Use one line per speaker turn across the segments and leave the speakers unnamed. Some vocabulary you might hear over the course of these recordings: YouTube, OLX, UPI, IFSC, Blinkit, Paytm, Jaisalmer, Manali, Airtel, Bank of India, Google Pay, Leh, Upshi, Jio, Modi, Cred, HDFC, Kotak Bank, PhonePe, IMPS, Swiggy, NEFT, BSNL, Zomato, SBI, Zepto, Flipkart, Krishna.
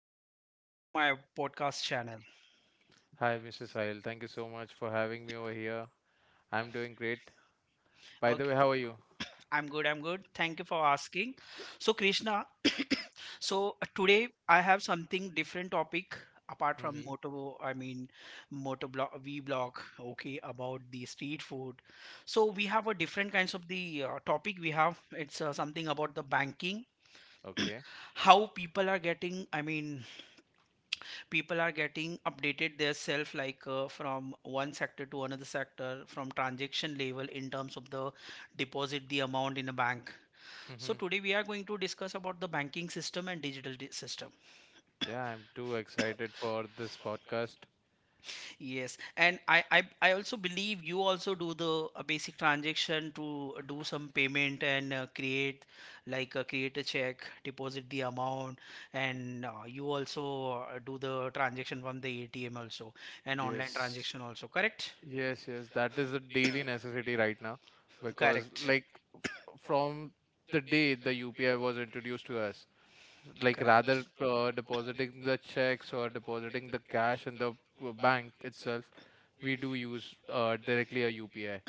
Krishna. Welcome to my podcast channel.
Hi, Mr. Sahil. Thank you so much for having me over here. I'm doing great. By
Okay.
the way, how are you?
I'm good. I'm good. Thank you for asking. So, Krishna, today I have something different topic apart from
Hmm.
moto. Moto blog, V blog. Okay, about the street food. So we have a different kinds of the topic. We have it's something about the banking,
Okay.
how people are getting. People are getting updated their self from one sector to another sector from transaction level in terms of the deposit the amount in a bank. So
Hmm.
today we are going to discuss about the banking system and system.
Yeah, I'm too excited for this podcast.
Yes, and I also believe you also do the basic transaction to do some payment and create create a check, deposit the amount, and you also do the transaction from the ATM also, and online
Yes.
transaction also, correct?
Yes, yes. That is a daily necessity right now because,
Correct.
like, from the day the UPI was introduced to us, like rather
Correct.
depositing the checks or depositing the cash in the bank itself, we do use directly a UPI.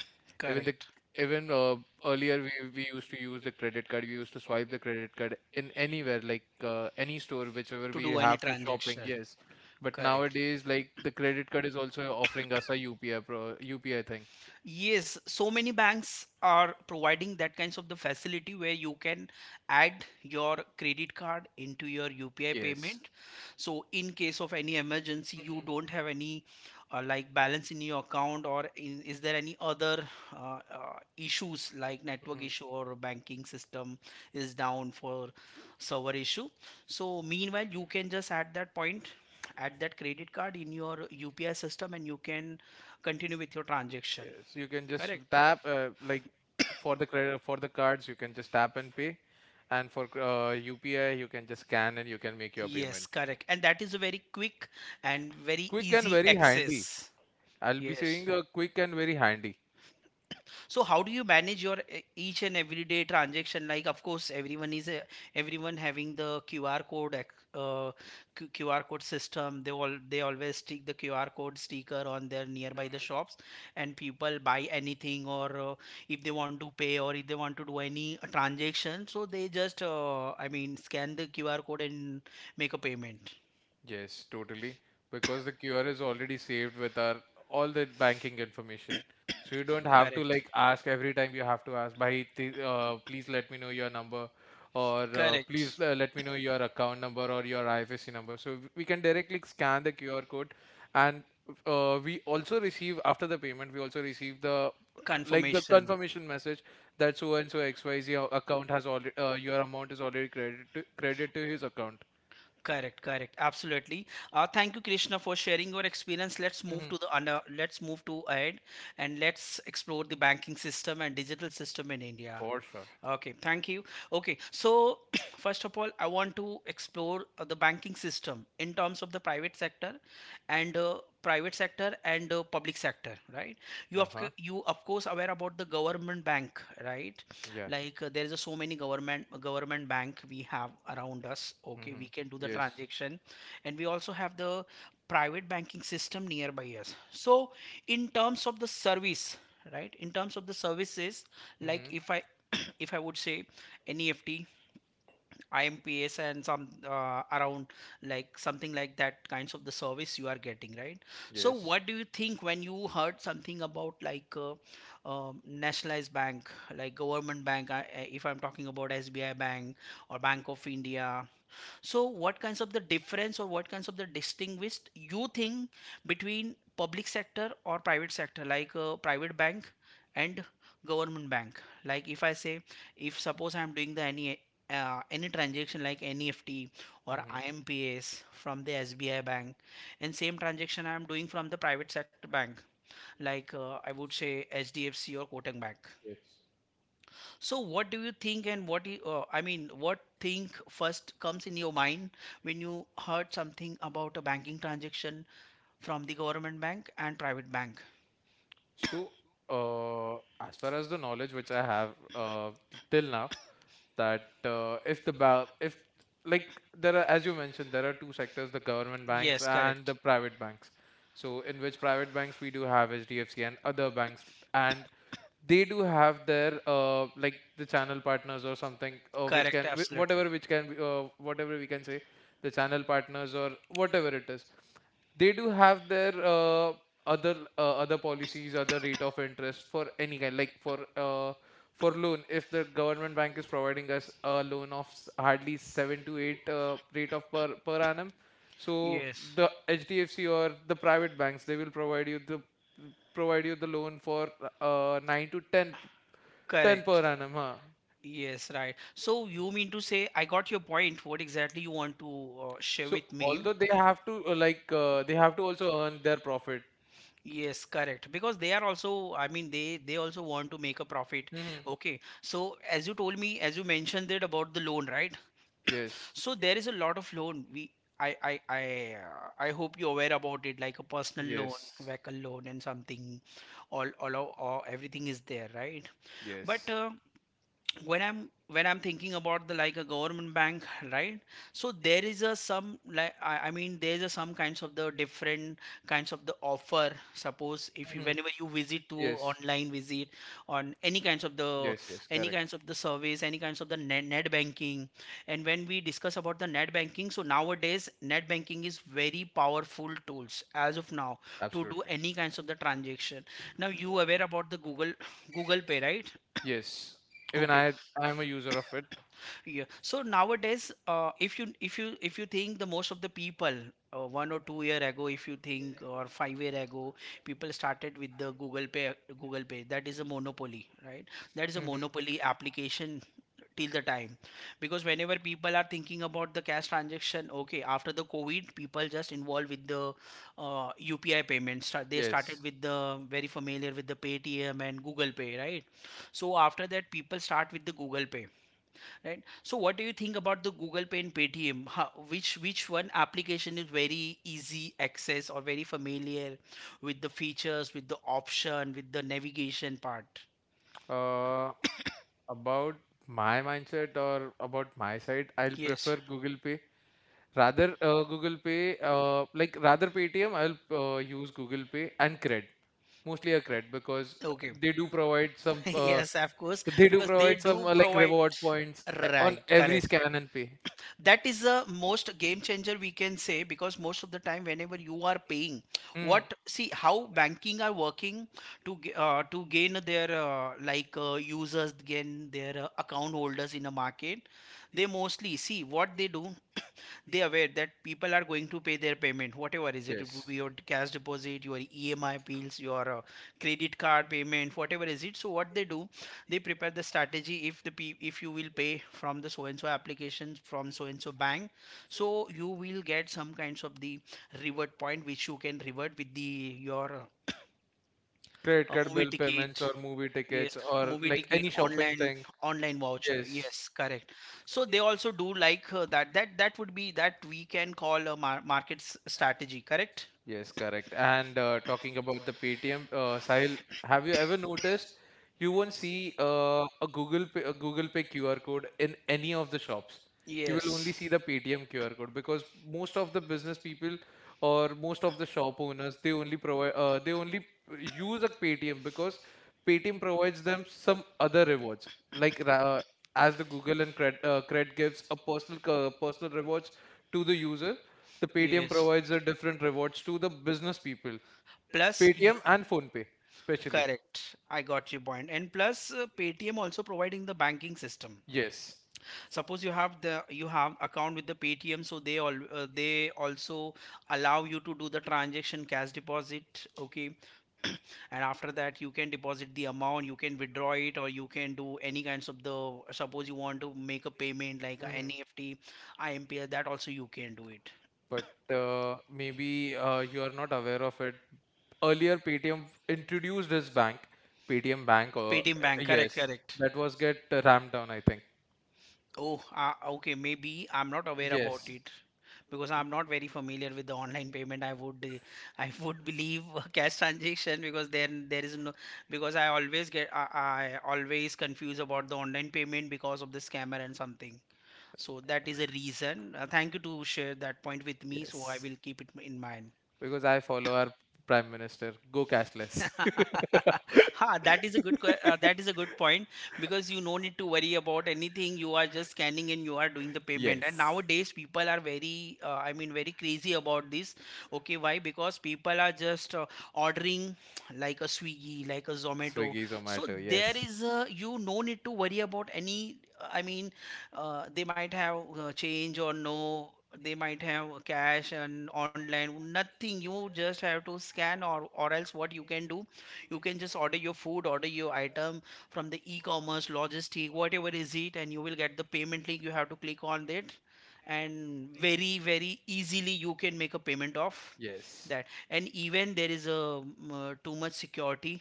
Even the
Correct.
even Earlier we used to use the credit card. We used to swipe the credit card in anywhere like any store, whichever
To
we
do any
have to shopping.
transaction.
Yes, but
Correct.
nowadays like the credit card is also offering us a UPI thing.
Yes, so many banks are providing that kinds of the facility where you can add your credit card into your UPI, yes, payment. So in case of any emergency, you, hmm, don't have any like balance in your account, or in, is there any other issues like network, hmm,
Mhm.
issue, or banking system is down for server issue. So meanwhile, you can just at that point at that credit card in your UPI system and you can continue with your transaction.
Yes, you can just
Correct?
tap like for the cards you can just tap and pay, and for UPI you can just scan and you can make your
Yes,
payment.
correct. And that is a very quick and very
Quick and
easy
very handy.
access.
I'll be
Yes.
saying quick and very handy.
So how do you manage your each and everyday transaction? Like, of course, everyone having the QR code uh, QR code system. They always stick the QR code sticker on their nearby the shops, and people buy anything, or if they want to pay or if they want to do any transaction, so they just scan the QR code and make a payment.
Yes, totally. Because the QR is already saved with our all the banking information. So you don't have to
Correct.
like ask every time you have to ask, Bhai, please let me know your number or
Correct.
please let me know your account number or your IFSC number. So we can directly scan the QR code and we also receive after the payment, we also receive the
Confirmation.
confirmation message that so and so XYZ account has already your amount is already credited to his account.
Correct, correct. Absolutely. Thank you, Krishna, for sharing your experience. Let's move
Mhm.
to the under. Let's move to ahead, and let's explore the banking system and digital system in India.
For sure.
Okay, thank you. Okay, so first of all, I want to explore the banking system in terms of the private sector and public sector, right? You of
Uh-huh.
you of course aware about the government bank, right?
Yeah.
Like there is a so many government bank we have around us. Okay,
Mm-hmm.
we can do the
Yes.
transaction, and we also have the private banking system nearby us. So in terms of the service, right, in terms of the services, like
Mm-hmm.
if I if I would say NEFT, IMPS, and some around, like something like that kinds of the service you are getting, right? So
Yes.
what do you think when you heard something about nationalized bank, like government bank, if I'm talking about SBI bank or Bank of India? So what kinds of the difference or what kinds of the distinguished you think between public sector or private sector, like private bank and government bank? Like if I say, if suppose I'm doing the any transaction like NEFT or
Mm-hmm.
IMPS from the SBI bank, and same transaction I'm doing from the private sector bank, like I would say HDFC or Kotak Bank. So what do you think, and what you, what think first comes in your mind when you heard something about a banking transaction from the government bank and private bank?
So, uh, as far as the knowledge which I have till now, that if like there are, as you mentioned, there are two sectors, the government banks
Yes,
and the
correct.
private banks, so in which private banks we do have HDFC and other banks, and they do have their like the channel partners or something which
Correct,
can wh-
absolutely.
whatever which can be whatever we can say, the channel partners or whatever it is. They do have their other policies, other rate of interest for any kind like for loan. If the government bank is providing us a loan of hardly 7 to 8 rate of per annum, so
Yes,
the HDFC or the private banks, they will provide you the loan for 9 to ten per
correct.
annum, huh?
Yes, right. So you mean to say I got your point, what exactly you want to share
So
with me?
although they have to they have to also earn their profit.
Yes, correct. Because they are also, they also want to make a profit.
Hmm.
Okay. So as you told me, as you mentioned it about the loan, right?
Yes.
So there is a lot of loan. We, I hope you're aware about it, like a personal loan,
Yes.
yes, vehicle loan, and something. All everything is there, right? But
Yes.
yes, when i'm when I'm thinking about the like a government bank, right, so there is a some there's a some kinds of the different kinds of the offer. Suppose if you
Hmm.
whenever you visit to
Yes.
online visit on any kinds of the
Yes. Yes.
any
Correct.
kinds of the service any kinds of the net banking. And when we discuss about the net banking, so nowadays net banking is very powerful tools as of now to do
Absolutely.
any kinds of the transaction. Now you aware about the Google Google Pay, right?
Yes. Even
Okay.
I'm a user of it.
Yeah. So nowadays, if you if you if you think the most of the people, 1 or 2 year ago, if you think, or 5 year ago, people started with the Google Pay. Google Pay, that is a monopoly, right? That is a
Hmm.
monopoly application till the time. Because whenever people are thinking about the cash transaction, okay, after the COVID, people just involved with the UPI payments. They started
Yes.
with the very familiar with the Paytm and Google Pay, right? So after that people start with the Google Pay, right? So what do you think about the Google Pay and Paytm? Which one application is very easy access or very familiar with the features, with the option, with the navigation part?
Uh, About my mindset or about my side, I'll
Yes.
prefer Google Pay. Rather, Google Pay, like rather Paytm, I'll use Google Pay and Cred, mostly a Cred because
Okay.
they do provide some, uh,
Yes, of course.
they do
Because they
provide some
do
like
provide.
reward points on
Right,
every
correct.
scan and pay.
That is the most game changer we can say. Because most of the time whenever you are paying,
Mm.
what, see how banking are working to to gain their users, gain their account holders in the market, they mostly see what they do. They aware that people are going to pay their payment, whatever is it, it would
Yes.
be, yes, your cash deposit, your EMI bills, your credit card payment, whatever is it. So what they do, they prepare the strategy. If the P- If you will pay from the so and so applications, from so and so bank, so you will get some kinds of the reward point, which you can reward with the your
Credit card
movie
bill payments
ticket.
or movie tickets
Yes,
or
movie
like any
ticket
shopping
online,
thing.
online voucher,
Yes.
yes, correct. So they also do like that would be, that we can call a market strategy, correct?
Yes, correct. And talking about the Paytm, Sahil, have you ever noticed you won't see a Google Pay QR code in any of the shops? You will only
Yes,
see the Paytm QR code because most of the business people or most of the shop owners, they only use a Paytm, because Paytm provides them some other rewards, like as the Google and cred gives a personal personal rewards to the user. The Paytm
yes,
provides a different rewards to the business people.
plus you.
Paytm and PhonePe, especially.
Correct, I got your point. And plus, Paytm also providing the banking system.
Yes.
Suppose you have account with the Paytm, so they also allow you to do the transaction, cash deposit. Okay, and after that you can deposit the amount, you can withdraw it, or you can do any kinds of the. Suppose you want to make a payment like a
Mhm.
NEFT, IMPS, that also you can do it.
But maybe you are not aware of it. Earlier, Paytm introduced his bank, Paytm Bank. Or
Paytm Bank, correct,
yes,
correct.
that was get rammed down, I think.
Oh, okay. Maybe I'm not aware about
Yes.
it, because I'm not very familiar with the online payment. I would, I would believe cash transaction, because then there is no, because I always get I always confuse about the online payment because of the scammer and something. So that is a reason. Thank you to share that point with me. So I
Yes,
will keep it in mind.
because I follow our Prime Minister. Go cashless.
Ha, that is a good that is a good point. Because you no need to worry about anything, you are just scanning and you are doing the payment, and
Yes.
nowadays people are very very crazy about this. Okay, why? Because people are just ordering like a Swiggy, like a Zomato.
Swiggy,
So
Zomato.
there
Yes.
is a, you no need to worry about any uh, i mean they might have change or no, they might have cash and online, nothing, you just have to scan. Or else what you can do, you can just order your food, order your item from the e-commerce logistic, whatever is it, and you will get the payment link, you have to click on that, and very very easily you can make a payment of
Yes.
that. And even there is a too much security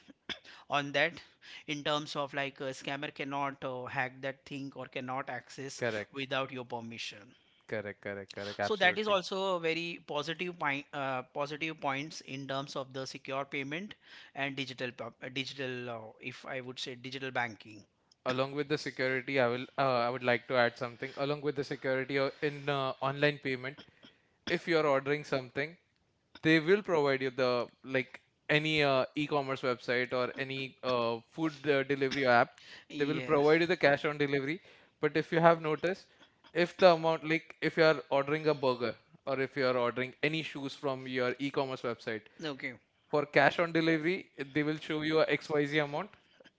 on that in terms of like a scammer cannot hack that thing or cannot access
Correct.
without your permission.
Correct. Correct. Correct.
So that is
Absolutely.
also a very positive point, positive points in terms of the secure payment and digital, if I would say, digital banking.
Along with the security, I would like to add something along with the security in online payment. If you are ordering something, they will provide you the like any e-commerce website or any food delivery app. They will
Yes.
provide you the cash on delivery, but if you have noticed, if the amount, like, if you are ordering a burger or if you are ordering any shoes from your e-commerce website
Okay.
for cash on delivery, they will show you a XYZ amount,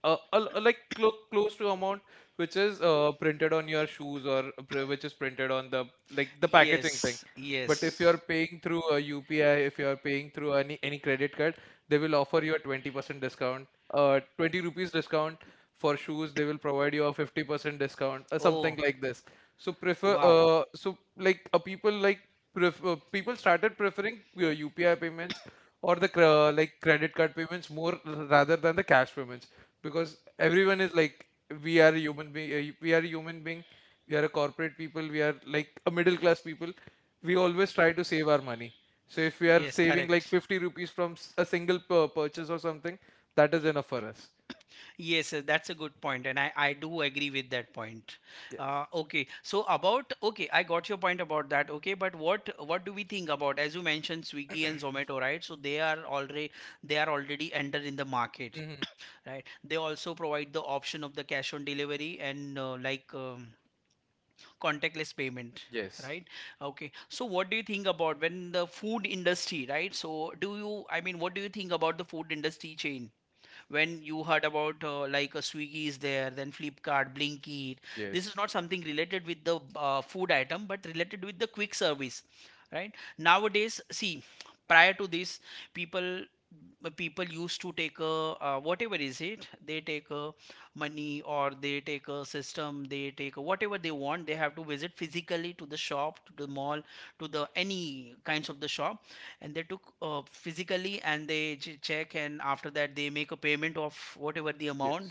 a like close to amount, which is printed on your shoes or which is printed on the packaging thing.
Yes.
But if you
Yes.
are paying through a UPI, if you are paying through any credit card, they will offer you a 20% discount, 20 rupees discount. For shoes, they will provide you a 50% discount or
Oh.
something like this. So prefer
Wow.
so like a people like pref- people started preferring UPI payments or the like credit card payments more rather than the cash payments, because everyone is like, we are a human being, we are a corporate people, we are like a middle class people. We always try to save our money. So if we are
Yes,
saving like
correct.
50 rupees from a single purchase or something, that is enough for us.
Yes, that's a good point, and I do agree with that point.
Yes.
Okay, so about, okay, I got your point about that. Okay, but what do we think about, as you mentioned Swiggy and Zomato, right? So they are already entered in the market,
Hmm.
right? They also provide the option of the cash on delivery and contactless payment.
Yes.
Right. Okay. So, what do you think about when the food industry, right? So, do you, I mean, what do you think about the food industry chain? When you heard about like a Swiggy is there, then Flipkart, Blinkit. This is
Yes.
not something related with the food item, but related with the quick service, right? Nowadays, see, prior to this, people people used to take a whatever is it they take a money, or they take a system, they take a, whatever they want, they have to visit physically to the shop, to the mall, to the any kinds of the shop, and they took physically and they check, and after that they make a payment of whatever the amount,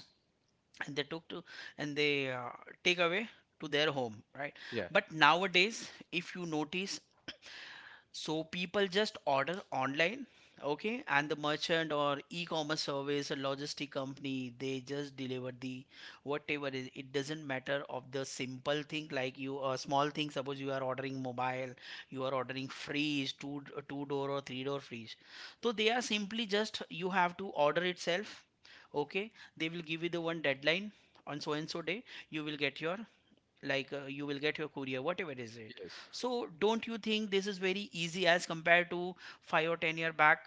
and they took to and they take away to their home, right?
Yes.
But nowadays if you notice, so people just order online, okay, and the merchant or e-commerce service or logistic company, they just deliver the whatever is. It doesn't matter of the simple thing like you small thing. Suppose you are ordering mobile, you are ordering freeze, two two door or three-door freeze. So they are simply, just you have to order itself, okay. They will give you the one deadline on so and so day. You will get your you will get your courier, whatever is it.
Yeah.
So don't you think this is very easy as compared to 5 or 10 year back,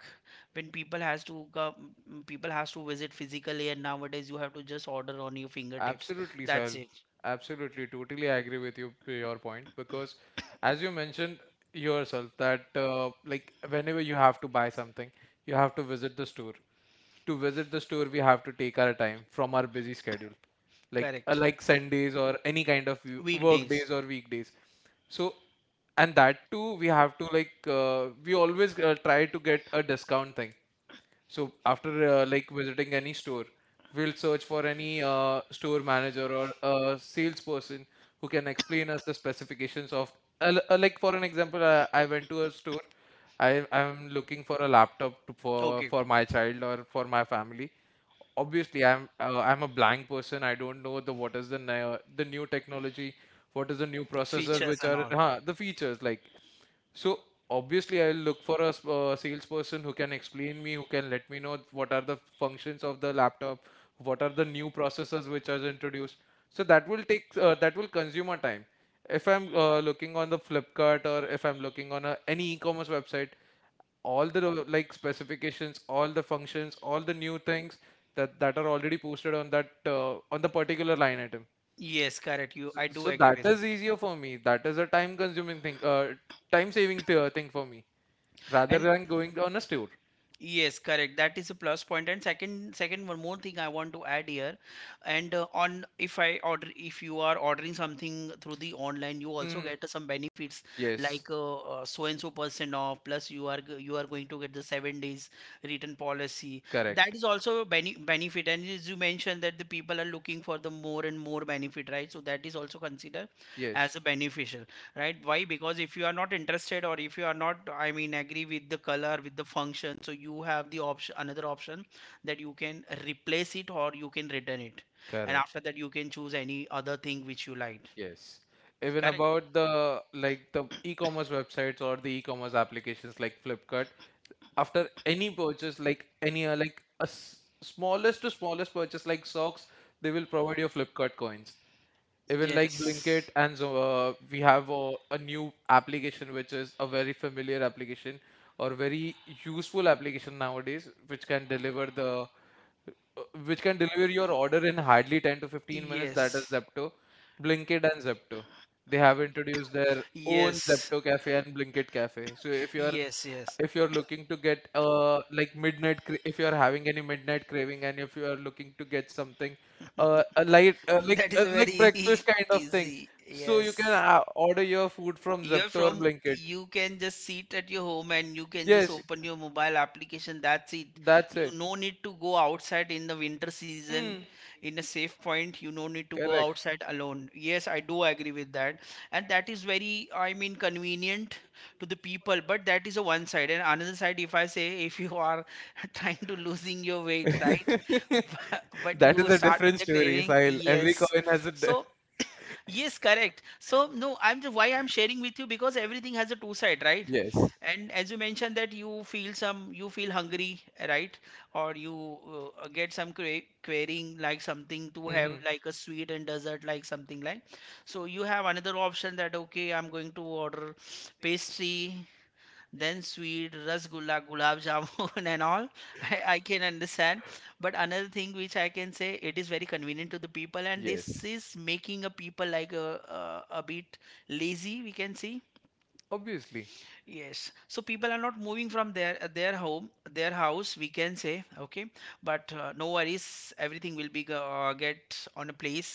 when people has to come, people has to visit physically, and nowadays you have to just order on your fingertips.
Absolutely,
That's
Sahil.
it.
Absolutely, totally agree with your point, because, as you mentioned yourself, that like whenever you have to buy something, you have to visit the store. To visit the store, we have to take our time from our busy schedule, like
Correct.
Sundays or any kind of work
Weekdays.
days or weekdays. So, and that too, we have to we always try to get a discount thing. So after like visiting any store, we'll search for any store manager or a salesperson who can explain us the specifications of like, for an example, I went to a store. I'm looking for a laptop to,
Okay.
for my child or for my family. Obviously, I'm a blank person. I don't know the what is the the new technology, what is the new processors,
Features
which
and
are
all.
the features like. So obviously, I'll look for a salesperson who can explain me, who can let me know what are the functions of the laptop, what are the new processors which are introduced. So that will take that will consume our time. If I'm looking on the Flipkart or if I'm looking on any e-commerce website, all the like specifications, all the functions, all the new things that are already posted on that on the particular line item.
Yes, correct. You, I do
So
agree
that is easier for me. That is a time consuming thing,
with.
uh, time saving thing for me rather
And
than going on a store.
yes, correct. That is a plus point. And second, second one more thing I want to add here, and on, if I order, if you are ordering something through the online, you also
Hmm.
get some benefits
Yes,
like so and so percent off. Plus, you are you are going to get the 7 days return policy. That
correct.
is also a benefit. And as you mentioned that the people are looking for the more and more benefit, right? So that is also considered as
Yes,
a beneficial, right? Why? Because if you are not interested, or if you are not, I mean, agree with the color, with the function, so you have the option, another option, that you can replace it or you can return it, and
correct.
after that you can choose any other thing which you like.
Yes. Even
Correct.
about the e-commerce websites or the e-commerce applications like Flipkart. After any purchase, like any smallest to smallest purchase like socks, they will provide your Flipkart coins. Even like Blinkit,
Yes,
and so we have a new application which is a very familiar application or very useful application nowadays, which can deliver your order in hardly 10 to 15 minutes. That is
yes,
Zepto, Blinkit and Zepto. They have introduced their own
yes,
Zepto cafe and Blinkit cafe. So
yes, yes.
if you're looking to get if you're having any midnight craving, and if you are looking to get something a light like breakfast kind of thing, so you can
So
order your food from
you're
Zepto or
from,
Blinkit.
you can just sit at your home and you can just
Yes,
open your mobile application. That's it.
that's it.
You no need to go outside in the winter season,
Hmm.
in a safe point. You no need to go
Correct.
outside alone. Yes, I do agree with that. And that is very, I mean, convenient to the people. But that is a one side. And another side, if I say, if you are trying to losing your weight, right? But
That is
you
a
start with
different
the
story,
craving.
Sahil. Every
Yes.
coin has a.
So yes, correct. So no, why I'm sharing with you, because everything has a two side, right?
Yes.
And as you mentioned that you feel some, you feel hungry, right? Or you get some craving, like something to have
Hmm.
like a sweet and dessert, like something like. So you have another option that, okay, I'm going to order pastry, then sweet, rasgulla, gulab jamun and all. I can understand, but another thing which I can say, it is very convenient to the people, and this
Yes.
is making a people like a bit lazy, we can see.
Obviously.
Yes, so people are not moving from their home, their house, we can say, okay. But no worries, everything will be get on a place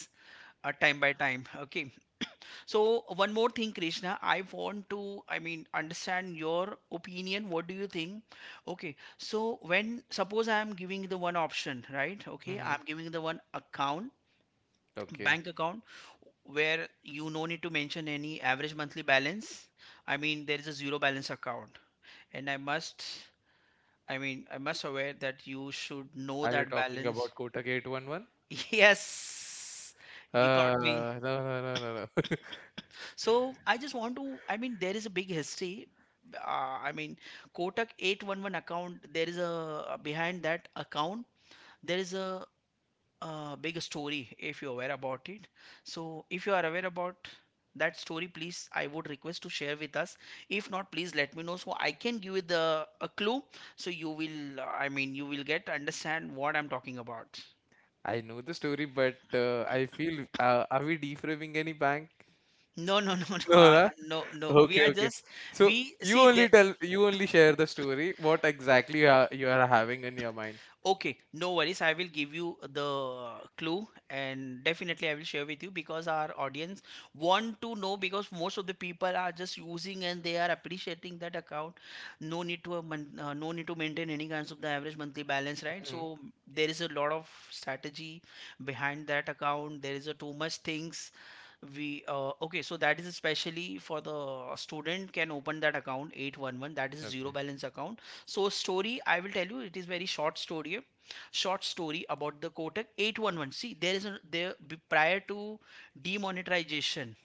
time by time, okay. So one more thing, Krishna, I want to, I mean, understand your opinion. What do you think? Okay, so when, suppose I am giving the one option, right? Okay,
Hmm.
I'm giving the one account,
Okay.
bank account, where you no need to mention any average monthly balance. I mean, there is a zero balance account, and I must, I mean, I must aware that you should know
Are you
that
talking
balance.
about Kotak 811?
Yes, you
Uh,
got me.
no, no, no, no, no.
So I just want to, I mean, there is a big history. I mean, Kotak 811 account, there is a, behind that account, there is a, big story, if you're aware about it. So if you are aware about that story, please, I would request to share with us. If not, please let me know so I can give you the a clue. So you will, I mean, you will get understand what I'm talking about.
I know the story, but I feel are we defragging any bank?
No, no, no, no,
No, na?
no, no. We
Okay,
are
okay.
just
So
we see that.
you only share the story. What exactly you are having in your mind?
Okay, no worries. I will give you the clue, and definitely I will share with you, because our audience want to know, because most of the people are just using and they are appreciating that account. No need to a no need to maintain any kinds of the average monthly balance, right?
Mhm.
So there is a lot of strategy behind that account. There is a too much things we okay, so that is especially for the student can open that account 811. That is a
Okay.
zero balance account. So story, I will tell you, it is very short story about the Kotak 811. See, there is a prior to demonetization.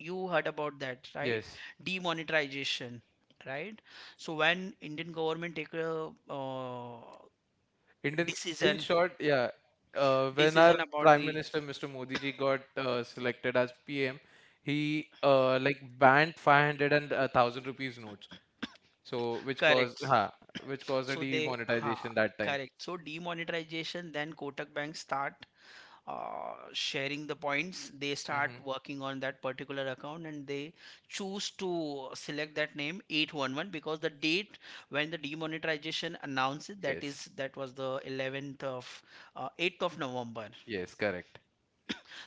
You heard about that, right?
Yes.
Demonetization, right? So when Indian government take a
Indian, in
decision
short, yeah.
uh,
When our
decision about
Prime
the
Minister Mr. Modi ji got selected as PM, he like banned 500 and 1,000 rupees notes. So which
correct.
caused which caused a
So they, ha,
demonetization that time.
correct. So demonetization, then Kotak Bank start sharing the points. They start
Mhm.
working on that particular account and they choose to select that name 811, because the date when the demonetization announced it, that
Yes.
is that was the 11th of 8th of November.
Yes, correct.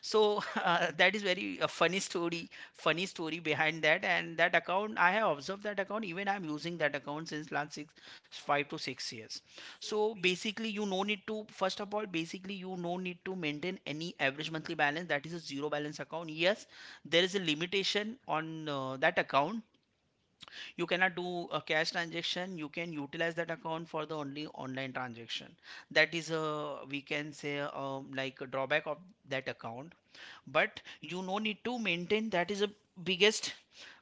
So that is very a funny story, funny story behind that, and that account I have observed, that account even I'm using that account since last 6, 5 to 6 years. So basically you no need to, first of all, basically you no need to maintain any average monthly balance. That is a zero balance account. Yes, there is a limitation on that account. You cannot do a cash transaction. You can utilize that account for the only online transaction. That is a, we can say, like a drawback of that account. But you no need to maintain, that is a biggest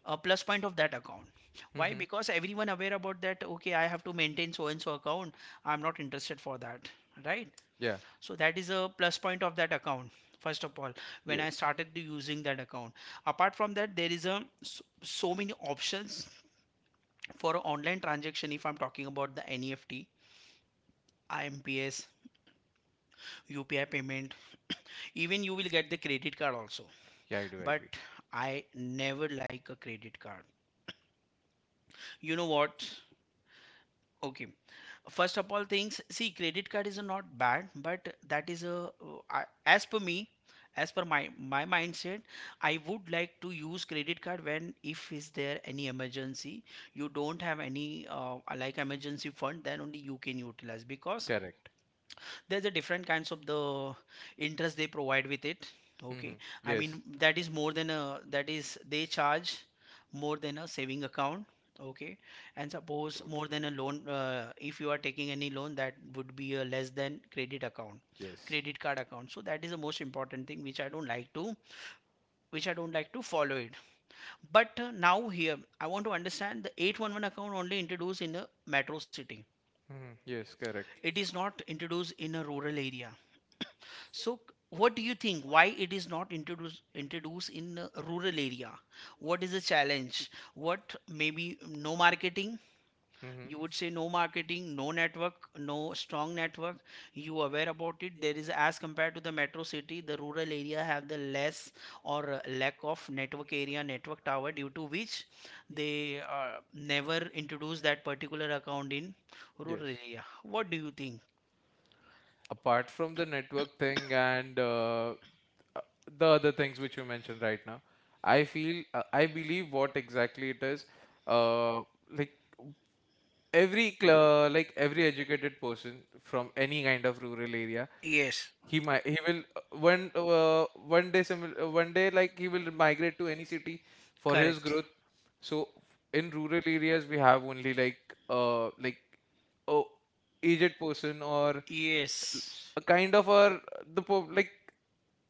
plus point of that account. Why?
Hmm.
Because everyone aware about that, okay, I have to maintain so and so account. I'm not interested for that, right?
Yeah.
So that is a plus point of that account. First of all, when I
Yes.
started using that account, apart from that, there is a so, so many options for online transaction, if I'm talking about the NEFT, IMPS, UPI payment. Even you will get the credit card also,
Yeah, I do
but
agree.
I never like a credit card. You know what? Okay, first of all, things, see, credit card is not bad, but that is a as per me, as per my my mindset, I would like to use credit card when, if is there any emergency, you don't have any like emergency fund, then only you can utilize, because
Correct.
there's a different kinds of the interest they provide with it, okay.
Hmm.
I
Yes.
mean, that is more than a, that is, they charge more than a saving account, okay. And suppose more
Totally.
than a loan, if you are taking any loan, that would be a less than credit account,
Yes.
credit card account. So that is the most important thing which I don't like to, which I don't like to follow it. But now here I want to understand, the 811 account only introduced in a metro city.
Hmm. Yes, correct.
It is not introduced in a rural area. So, what do you think? Why it is not introduced introduced in a rural area? What is the challenge? What, maybe no marketing?
Hmm.
You would say no marketing, no network, no strong network. You aware about it? There is, as compared to the metro city, the rural area have the less or lack of network area, network tower, due to which they never introduce that particular account in rural
Yes.
area. What do you think?
Apart from the network thing and uh, the other things which you mentioned right now, I believe what exactly it is. Uh, like every cl- like every educated person from any kind of rural area,
Yes,
he will one day, one day like, he will migrate to any city for his
correct.
growth. So in rural areas, we have only like uh like a aged person or
Yes.
a kind of a the po like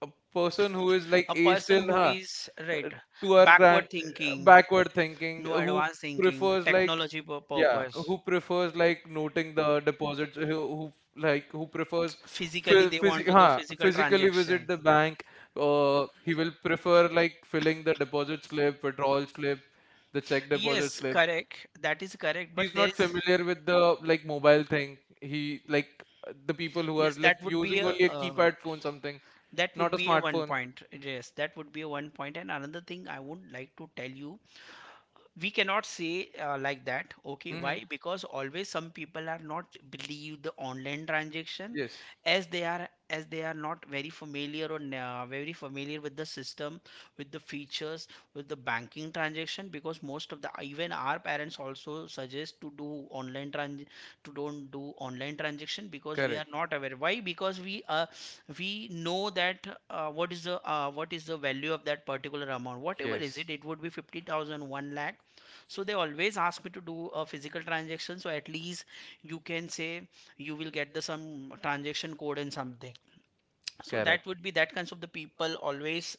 a person who is like
A
age
person
still,
who is
uh,
right,
to our grand
thinking,
backward thinking,
no, advanced thinking,
prefers like
technology yeah,
yeah
purpose.
who prefers, like, noting the deposits who prefers
Physically they want to do physical
physically visit
transaction.
the bank. He will prefer, like, filling the deposit slip, withdrawal slip, the check
Yes,
deposit slip.
correct, that is correct, but
He's
there
not
is...
familiar with the like mobile thing. He like The people who are
yes that
like
would be
using
a
only a
uh,
keypad phone, something,
that
not
would
a
be a one
smartphone.
point. Yes that would be a one point. And another thing I would like to tell you, we cannot say like that. Okay,
Mm-hmm.
why? Because always some people are not believe the online transaction,
Yes,
as they are not very familiar or very familiar with the system, with the features, with the banking transaction. Because most of the, even our parents also suggest to do online trans to don't do online transaction, because we are
correct.
not aware. Why? Because we know that what is the, what is the value of that particular amount, whatever is
Yes,
it, it would be fifty thousand, one lakh. So they always ask me to do a physical transaction. So at least, you can say, you will get the some transaction code and something. So that
correct.
would be, that kinds of the people always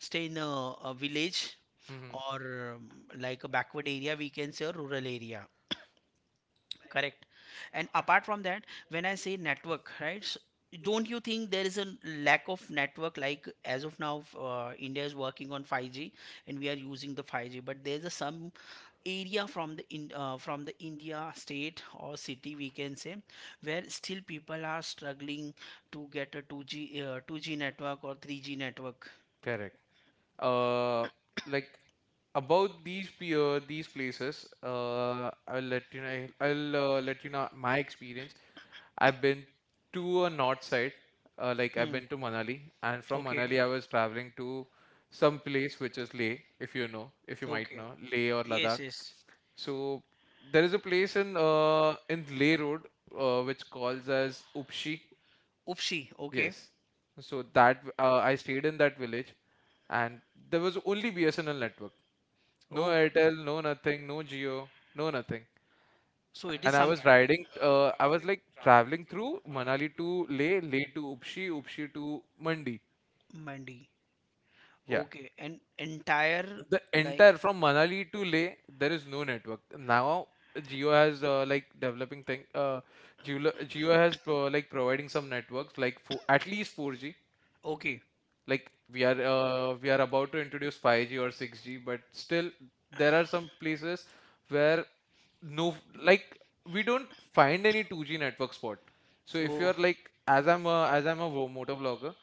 stay in a village,
Mm-hmm.
or like a backward area, we can say, or rural area. Correct. And apart from that, when I say network, right? Don't you think there is a lack of network? Like as of now, India is working on 5G, and we are using the 5G, but there's a some area from the in from the India state or city, we can say, where still people are struggling to get a 2G 2G network or 3G network.
Correct. Uh, like about these these places, I'll let you know. I'll let you know my experience. I've been to a north side, like I've
Hmm.
been to Manali, and from
Okay.
Manali I was traveling to some place which is Leh, if you know, if you might
Okay.
know, Leh or Ladakh.
Yes, yes.
So there is a place in Leh Road, which calls as Upshi.
Upshi, okay.
Yes. So I stayed in that village, and there was only BSNL network, no
Oh,
Airtel, no nothing, no Geo, no nothing.
so it is
And
some...
I was like traveling through Manali to Leh, Leh to Upshi, Upshi to Mandi.
Mandi.
Yeah.
Okay, and entire...
The
like...
entire from Manali to Leh, there is no network. Now Jio has like developing thing. Jio has pro like providing some networks like for at least 4G.
okay.
Like we are about to introduce 5G or 6G, but still there are some places where no, like, we don't find any 2G network spot. So if
Oh,
you're like, as I'm a motor vlogger,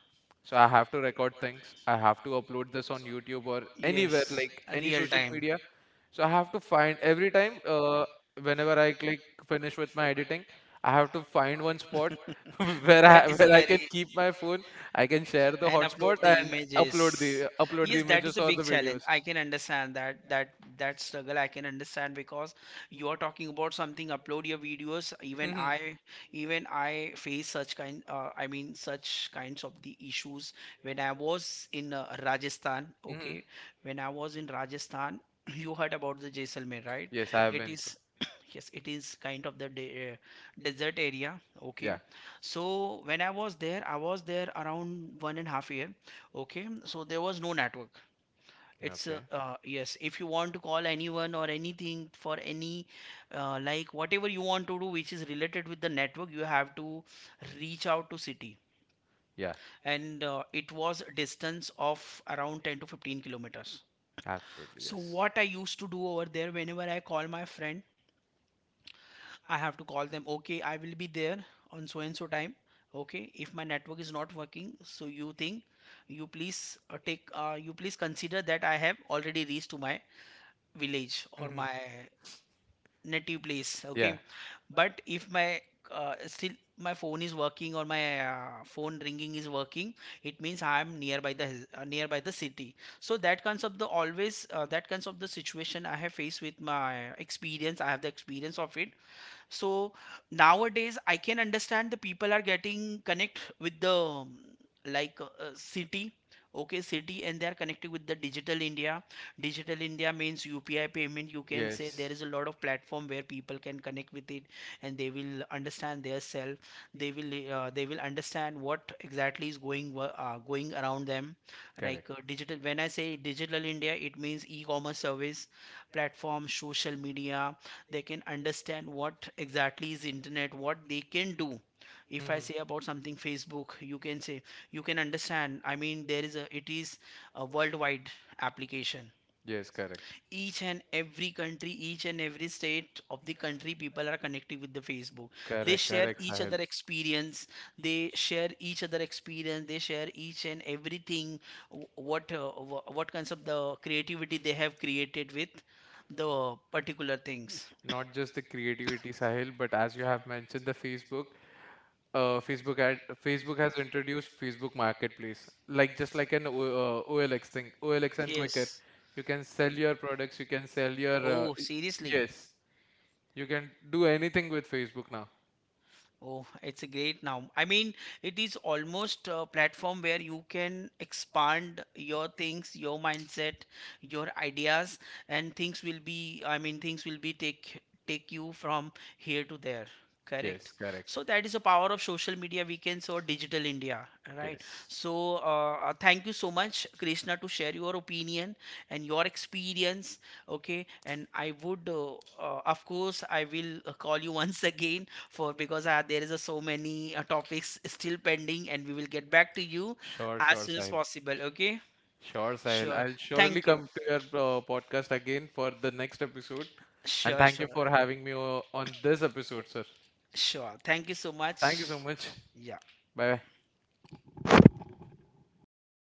so I have to record things. I have to upload this on YouTube or anywhere
yes,
like
a
any
real
social
time.
media. So I have to find every time, whenever I click finish with my editing, I have to find one spot where
That
I
is a
where I can
very...
keep my phone, I can share the
And upload
hotspot
the
and
images.
upload the
Yes, that is
images
a
or
big
the
challenge,
videos.
I can understand that, that that struggle I can understand, because you are talking about something, upload your videos, even I, even I face such kind, I mean such kinds of the issues when I was in Rajasthan,
Hmm.
okay. When I was in Rajasthan, you heard about the Jaisalmer,
Yes, I have
right? It
been
is...
through.
yes, it is kind of the de desert area.
Yeah.
Okay. So when I was there around 1.5 years. Okay. So there was no network. It's
Okay.
yes, if you want to call anyone or anything for any like whatever you want to do, which is related with the network, you have to reach out to city.
Yeah.
And it was a distance of around 10 to 15 kilometers.
Absolutely.
So
Yes.
what I used to do over there, whenever I call my friend, I have to call them, okay, I will be there on so and so time. Okay, if my network is not working, so you think, you please you please consider that I have already reached to my village or
Hmm.
my native place.
Yeah.
Okay, but if my still my phone is working, or my phone ringing is working, it means I am nearby the nearby the city. So that kinds of the always, that kinds of the situation I have faced with my experience. I have the experience of it. So nowadays I can understand the people are getting connect with the like city, okay, city, and they are connected with the Digital India. Digital India means UPI payment, you can say,
Yes.
there is a... yes... lot of platform where people can connect with it, and they will understand their self, they will understand what exactly is going going around them.
Correct.
Like digital, when I say Digital India, it means e-commerce service, platform, social media. They can understand what exactly is internet, what they can do. If I
Hmm.
say about something Facebook, you can say, you can understand, I mean, there is a, it is a worldwide application.
Yes. Correct.
Each and every country, each and every state of the country, people are connected with the Facebook. They
Correct.
share
Correct.
each
Sahil.
other experience. They share each other experience, they share each and everything, what uh, what kinds of the creativity they have created with the particular things.
Not just the creativity, Sahil, but as you have mentioned, the Facebook. Facebook ad Facebook has introduced Facebook Marketplace, like just like an OLX thing, OLX and Quicker. You can sell your products. You can sell your y-
Seriously?
Yes. You can do anything with Facebook now.
Oh, it's a great now. I mean, it is almost a platform where you can expand your things, your mindset, your ideas, and things will be, I mean, things will be take, take you from here to there. Correct.
Yes, correct.
So that is the power of social media weekends or Digital India, right?
Yes.
So thank you so much, Krishna, to share your opinion and your experience. Okay, and I would, of course, I will call you once again for, because there is a so many topics still pending, and we will get back to you
Sure,
as
sure,
soon as
Sahil.
possible, okay.
Sure, Sahil.
Sure,
I'll surely
thank you.
come to your podcast again for the next episode. And
Sure,
thank you
sure.
for having me on this episode, sir.
Sure, thank you so
Thank you
much.
so much.
Yeah.
Bye.